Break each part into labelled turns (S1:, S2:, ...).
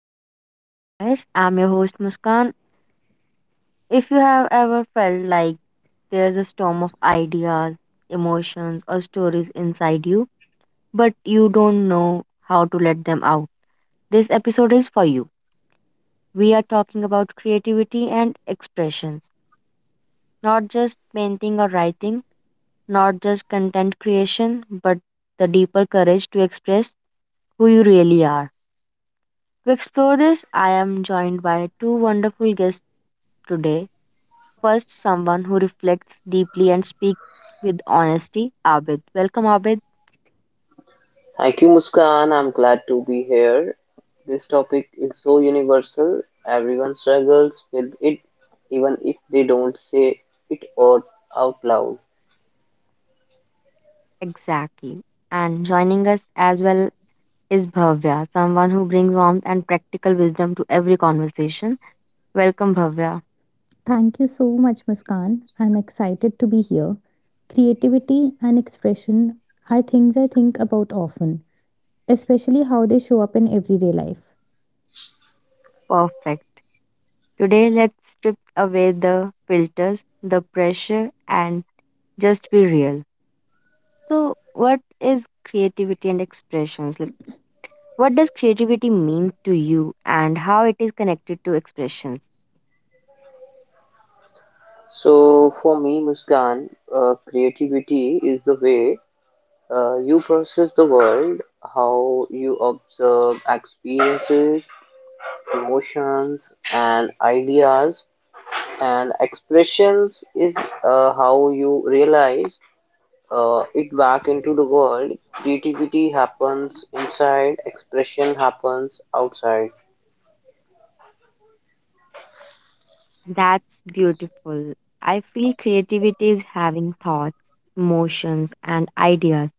S1: back to Finding Your Voice. I'm your host, Muskan. If you have ever felt like there's a storm of ideas, emotions, or stories inside you, but you don't know how to let them out, this episode is for you. We are talking about creativity and expressions, not just painting or writing, not just content creation, but the deeper courage to express who you really are. To explore this, I am joined by two wonderful guests today. First, someone who reflects deeply and speaks with honesty, Abid. Welcome, Abid.
S2: Thank you, Muskan. I'm glad to be here. This topic is so universal. Everyone struggles with it, even if they don't say it out, out loud.
S1: Exactly. And joining us as well is Bhavya, someone who brings warmth and practical wisdom to every conversation. Welcome, Bhavya.
S3: Thank you so much, Muskan. I'm excited to be here. Creativity and expression are things I think about often, especially how they show up in everyday life.
S1: Perfect. Today, let's strip away the filters, the pressure, and just be real. So, what is creativity and expressions? Like, what does creativity mean to you, and how it is connected to expressions?
S2: So, for me, Muskan, creativity is the way you process the world, how you observe experiences, emotions, and ideas, and expressions is how you realize it back into the world. Creativity happens inside, expression happens outside.
S1: That's beautiful. I feel creativity is having thoughts, emotions, and ideas,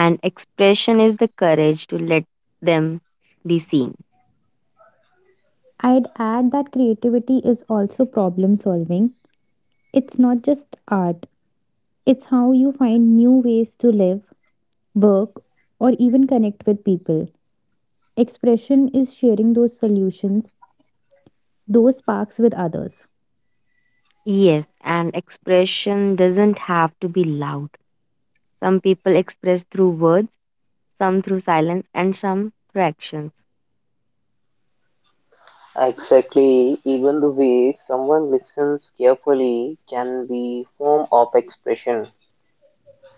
S1: and expression is the courage to let them be seen.
S3: I'd add that creativity is also problem solving. It's not just art, it's how you find new ways to live, work, or even connect with people. Expression is sharing those solutions, those sparks with others.
S1: Yes, and expression doesn't have to be loud. Some people express through words, some through silence, and some through actions.
S2: Exactly, even the way someone listens carefully can be form of expression.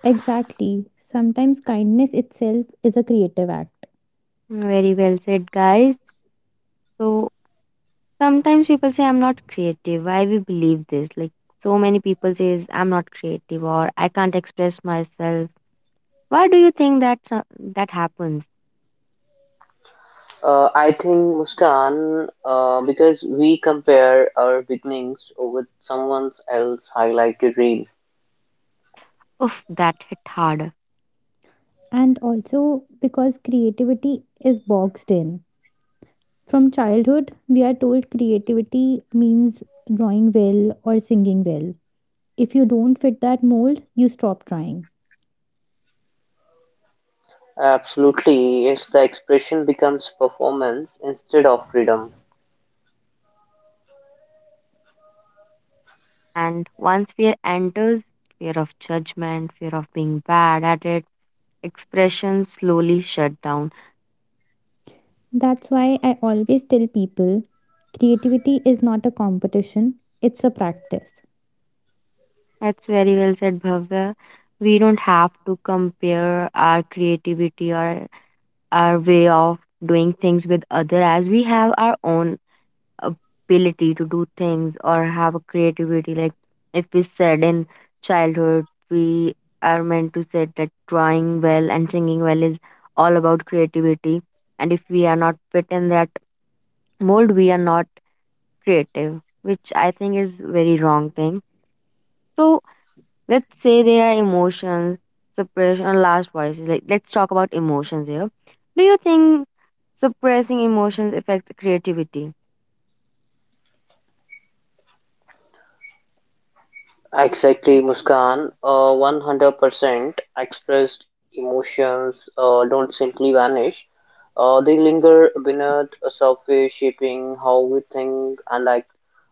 S3: Exactly. Sometimes kindness itself is a creative act.
S1: Very well said, guys. So sometimes people say, I'm not creative. Why we believe this? Like, so many people says I'm not creative or I can't express myself. Why do you think that that happens?
S2: I think Muskan, because we compare our beginnings with someone else highlighted reel.
S1: Oof, that hit hard.
S3: And also because creativity is boxed in. From childhood, we are told creativity means drawing well or singing well. If you don't fit that mold, you stop trying.
S2: Absolutely, it's the expression becomes performance instead of freedom.
S1: And once fear enters, fear of judgment, fear of being bad at it, expressions slowly shut down.
S3: That's why I always tell people creativity is not a competition, it's a practice.
S1: That's very well said, Bhavya. We don't have to compare our creativity or our way of doing things with other as we have our own ability to do things or have a creativity. Like if we said in childhood, we are meant to say that drawing well and singing well is all about creativity. And if we are not fit in that mold, we are not creative, which I think is very wrong thing. So let's say there are emotions, suppression, or last voices. Like let's talk about emotions here. Do you think suppressing emotions affects creativity?
S2: Exactly, Muskan. 100% expressed emotions don't simply vanish. They linger beneath a surface, shaping how we think and like.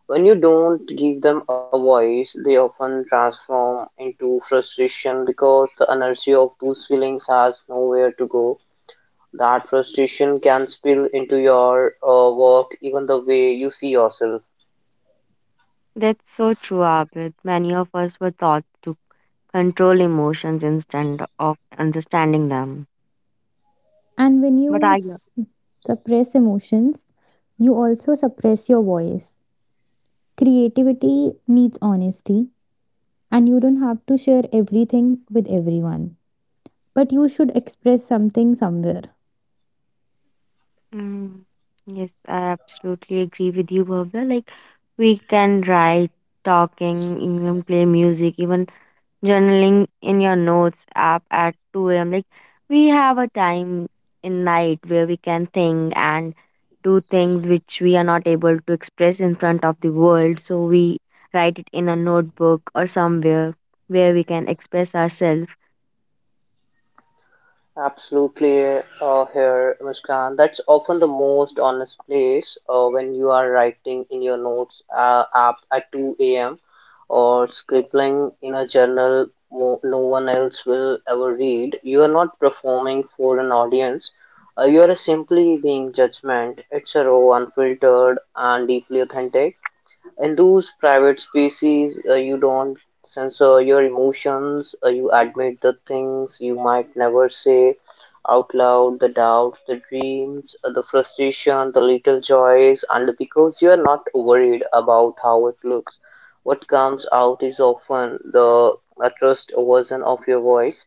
S2: When you don't give them a voice, they often transform into frustration because the inertia of those feelings has nowhere to go. That frustration can spill into your work, even the way you see yourself.
S1: That's so true, Abid. Many of us were taught to control emotions instead of understanding them.
S3: And when
S1: But I,
S3: suppress emotions, you also suppress your voice. Creativity needs honesty, and you don't have to share everything with everyone, but you should express something somewhere.
S1: mm, yes, I absolutely agree with you, Bhavya. Like we can write, talking, even play music, even journaling in your notes app at 2 a.m. Like we have a time in night where we can think and do things which we are not able to express in front of the world. So we write it in a notebook or somewhere where we can express ourselves.
S2: Absolutely, here, Muskan. That's often the most honest place when you are writing in your notes app at 2 a.m. or scribbling in a journal no one else will ever read. You are not performing for an audience. You are simply being judgment. It's a raw, unfiltered, and deeply authentic. In those private spaces, you don't censor your emotions, you admit the things you might never say out loud the doubts, the dreams, the frustration, the little joys, and because you are not worried about how it looks. What comes out is often the a trust version of your voice.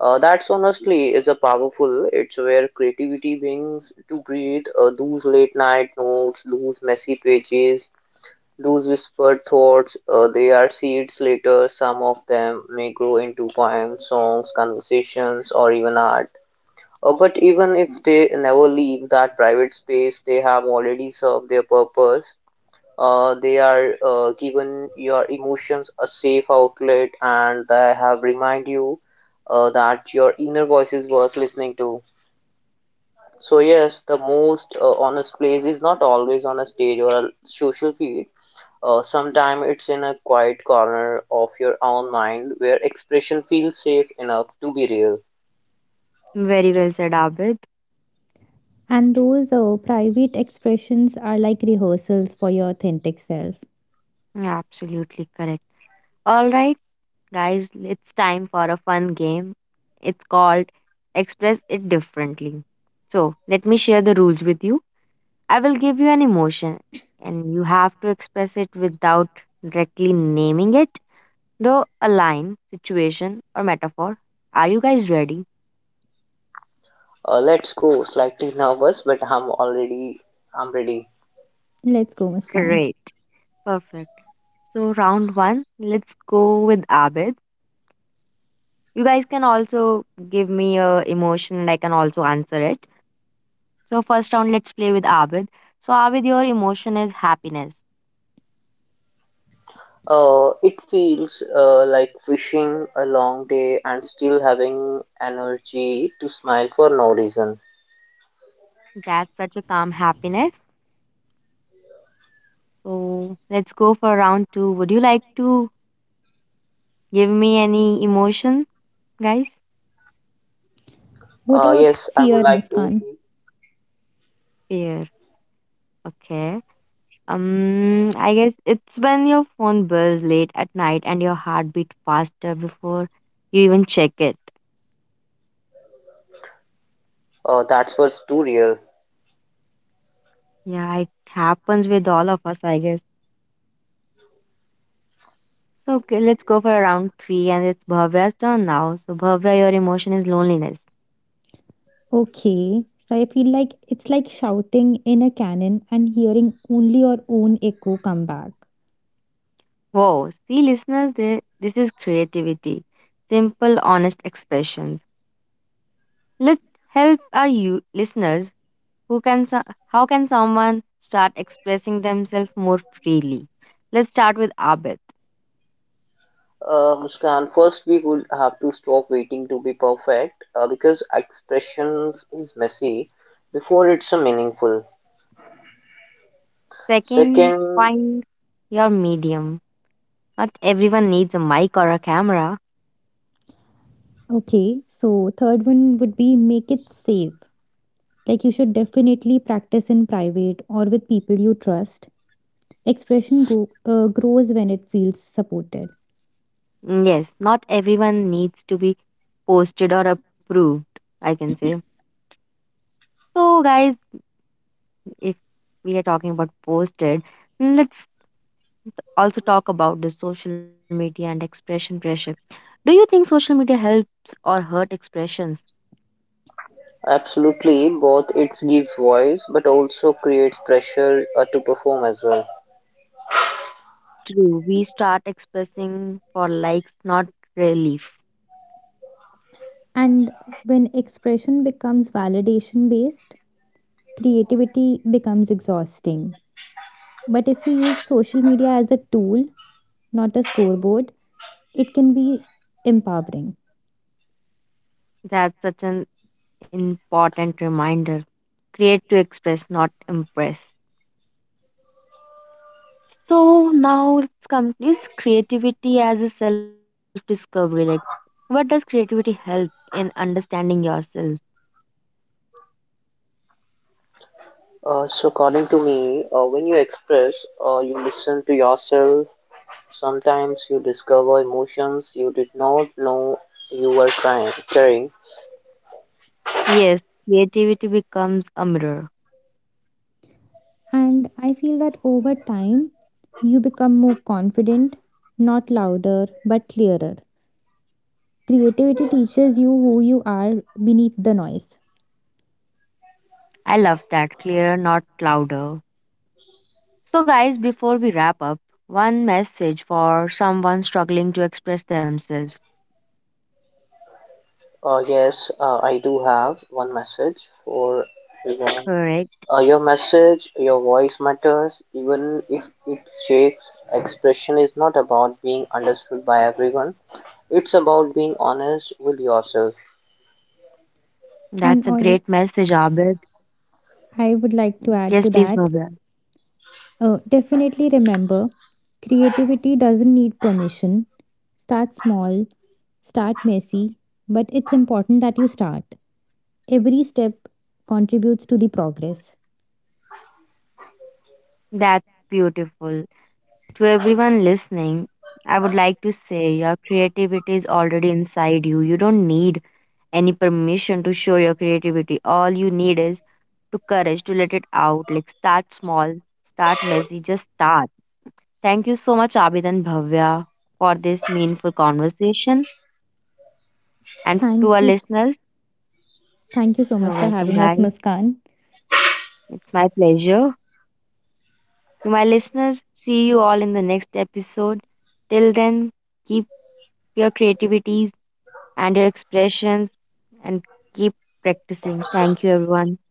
S2: That's honestly is a powerful. It's where creativity begins to breathe. Those late night notes, those messy pages, those whispered thoughts, they are seeds later. Some of them may grow into poems, songs, conversations, or even art. But even if they never leave that private space, they have already served their purpose. They are given your emotions a safe outlet, and they have remind you that your inner voice is worth listening to. So yes, the most honest place is not always on a stage or a social feed sometimes it's in a quiet corner of your own mind where expression feels safe enough to be real.
S1: Very well said, Abid.
S3: And those private expressions are like rehearsals for your authentic self.
S1: Yeah, absolutely correct. All right, guys, it's time for a fun game. It's called Express It Differently. So let me share the rules with you. I will give you an emotion, and you have to express it without directly naming it, though a line, situation, or metaphor. Are you guys ready?
S2: Let's go. Slightly nervous, but I'm ready.
S3: Let's go, Muskan.
S1: Great. Perfect. So, round one, let's go with Abid. You guys can also give me a emotion and I can also answer it. So, first round, let's play with Abid. So, Abid, your emotion is happiness.
S2: It feels like fishing a long day and still having energy to smile for no reason.
S1: That's such a calm happiness. So, let's go for round two. Would you like to give me any emotion? Guys,
S3: What about
S2: Yes, I would
S3: fear,
S2: like to.
S3: Muskan?
S1: fear. Okay. I guess it's when your phone buzz late at night and your heart beat faster before you even check it.
S2: That's was too real.
S1: Yeah, it happens with all of us, I guess. So okay, let's go for round three, and it's Bhavya's turn now. So Bhavya, your emotion is loneliness.
S3: Okay, so I feel like it's like shouting in a cannon and hearing only your own echo come back.
S1: Whoa, see, listeners, this is creativity, simple, honest expressions. Let's help our you listeners. Who can so- how can someone start expressing themselves more freely? Let's start with Abid.
S2: Muskan, first we would have to stop waiting to be perfect because expressions is messy before it's a meaningful.
S1: Second,
S2: Second,
S1: find your medium. Not everyone needs a mic or a camera.
S3: Okay, so third one would be make it safe. Like you should definitely practice in private or with people you trust. Grows when it feels supported.
S1: Mm, yes, not everyone needs to be posted or approved, I can say. So guys, if we are talking about posted, mm, let's also talk about the social media and expression pressure. Do you think social media helps or hurt expressions?
S2: absolutely, both it gives voice but also creates pressure to perform as well.
S1: True, we start expressing for likes, not relief.
S3: And when expression becomes validation based, creativity becomes exhausting. But if you use social media as a tool, not a scoreboard, it can be empowering.
S1: That's such an important reminder. Create to express, not impress. So now it's come is creativity as a self discovery. Like, what does creativity help in understanding yourself?
S2: So according to me, when you express, you listen to yourself. Sometimes you discover emotions you did not know you were carrying.
S1: Yes, creativity becomes a mirror.
S3: And I feel that over time, you become more confident, not louder, but clearer. Creativity teaches you who you are beneath the noise.
S1: I love that. Clearer, not louder. So, guys, before we wrap up, one message for someone struggling to express themselves.
S2: Yes, I do have one message for everyone.
S1: Correct.
S2: Your message, your voice matters, even if it shakes. Expression is not about being understood by everyone, it's about being honest with yourself.
S3: And
S1: That's a
S3: all
S1: great message, Abid.
S3: I would like to add to
S1: Yes, please,
S3: that,
S1: Bhavya.
S3: Definitely remember, creativity doesn't need permission. Start small, start messy, but it's important that you start. Every step contributes to the progress.
S1: That's beautiful. To everyone listening, I would like to say your creativity is already inside you. You don't need any permission to show your creativity. All you need is to courage to let it out. Like start small, start messy, just start. Thank you so much, Abid and Bhavya, for this meaningful conversation. And to
S3: Thank
S1: our
S3: you.
S1: listeners,
S3: Thank you so much
S1: you're
S3: for
S1: welcome,
S3: having us,
S1: guys.
S3: Muskan.
S1: It's my pleasure. To my listeners, see you all in the next episode. Till then, keep your creativities and your expressions and keep practicing. Thank you, everyone.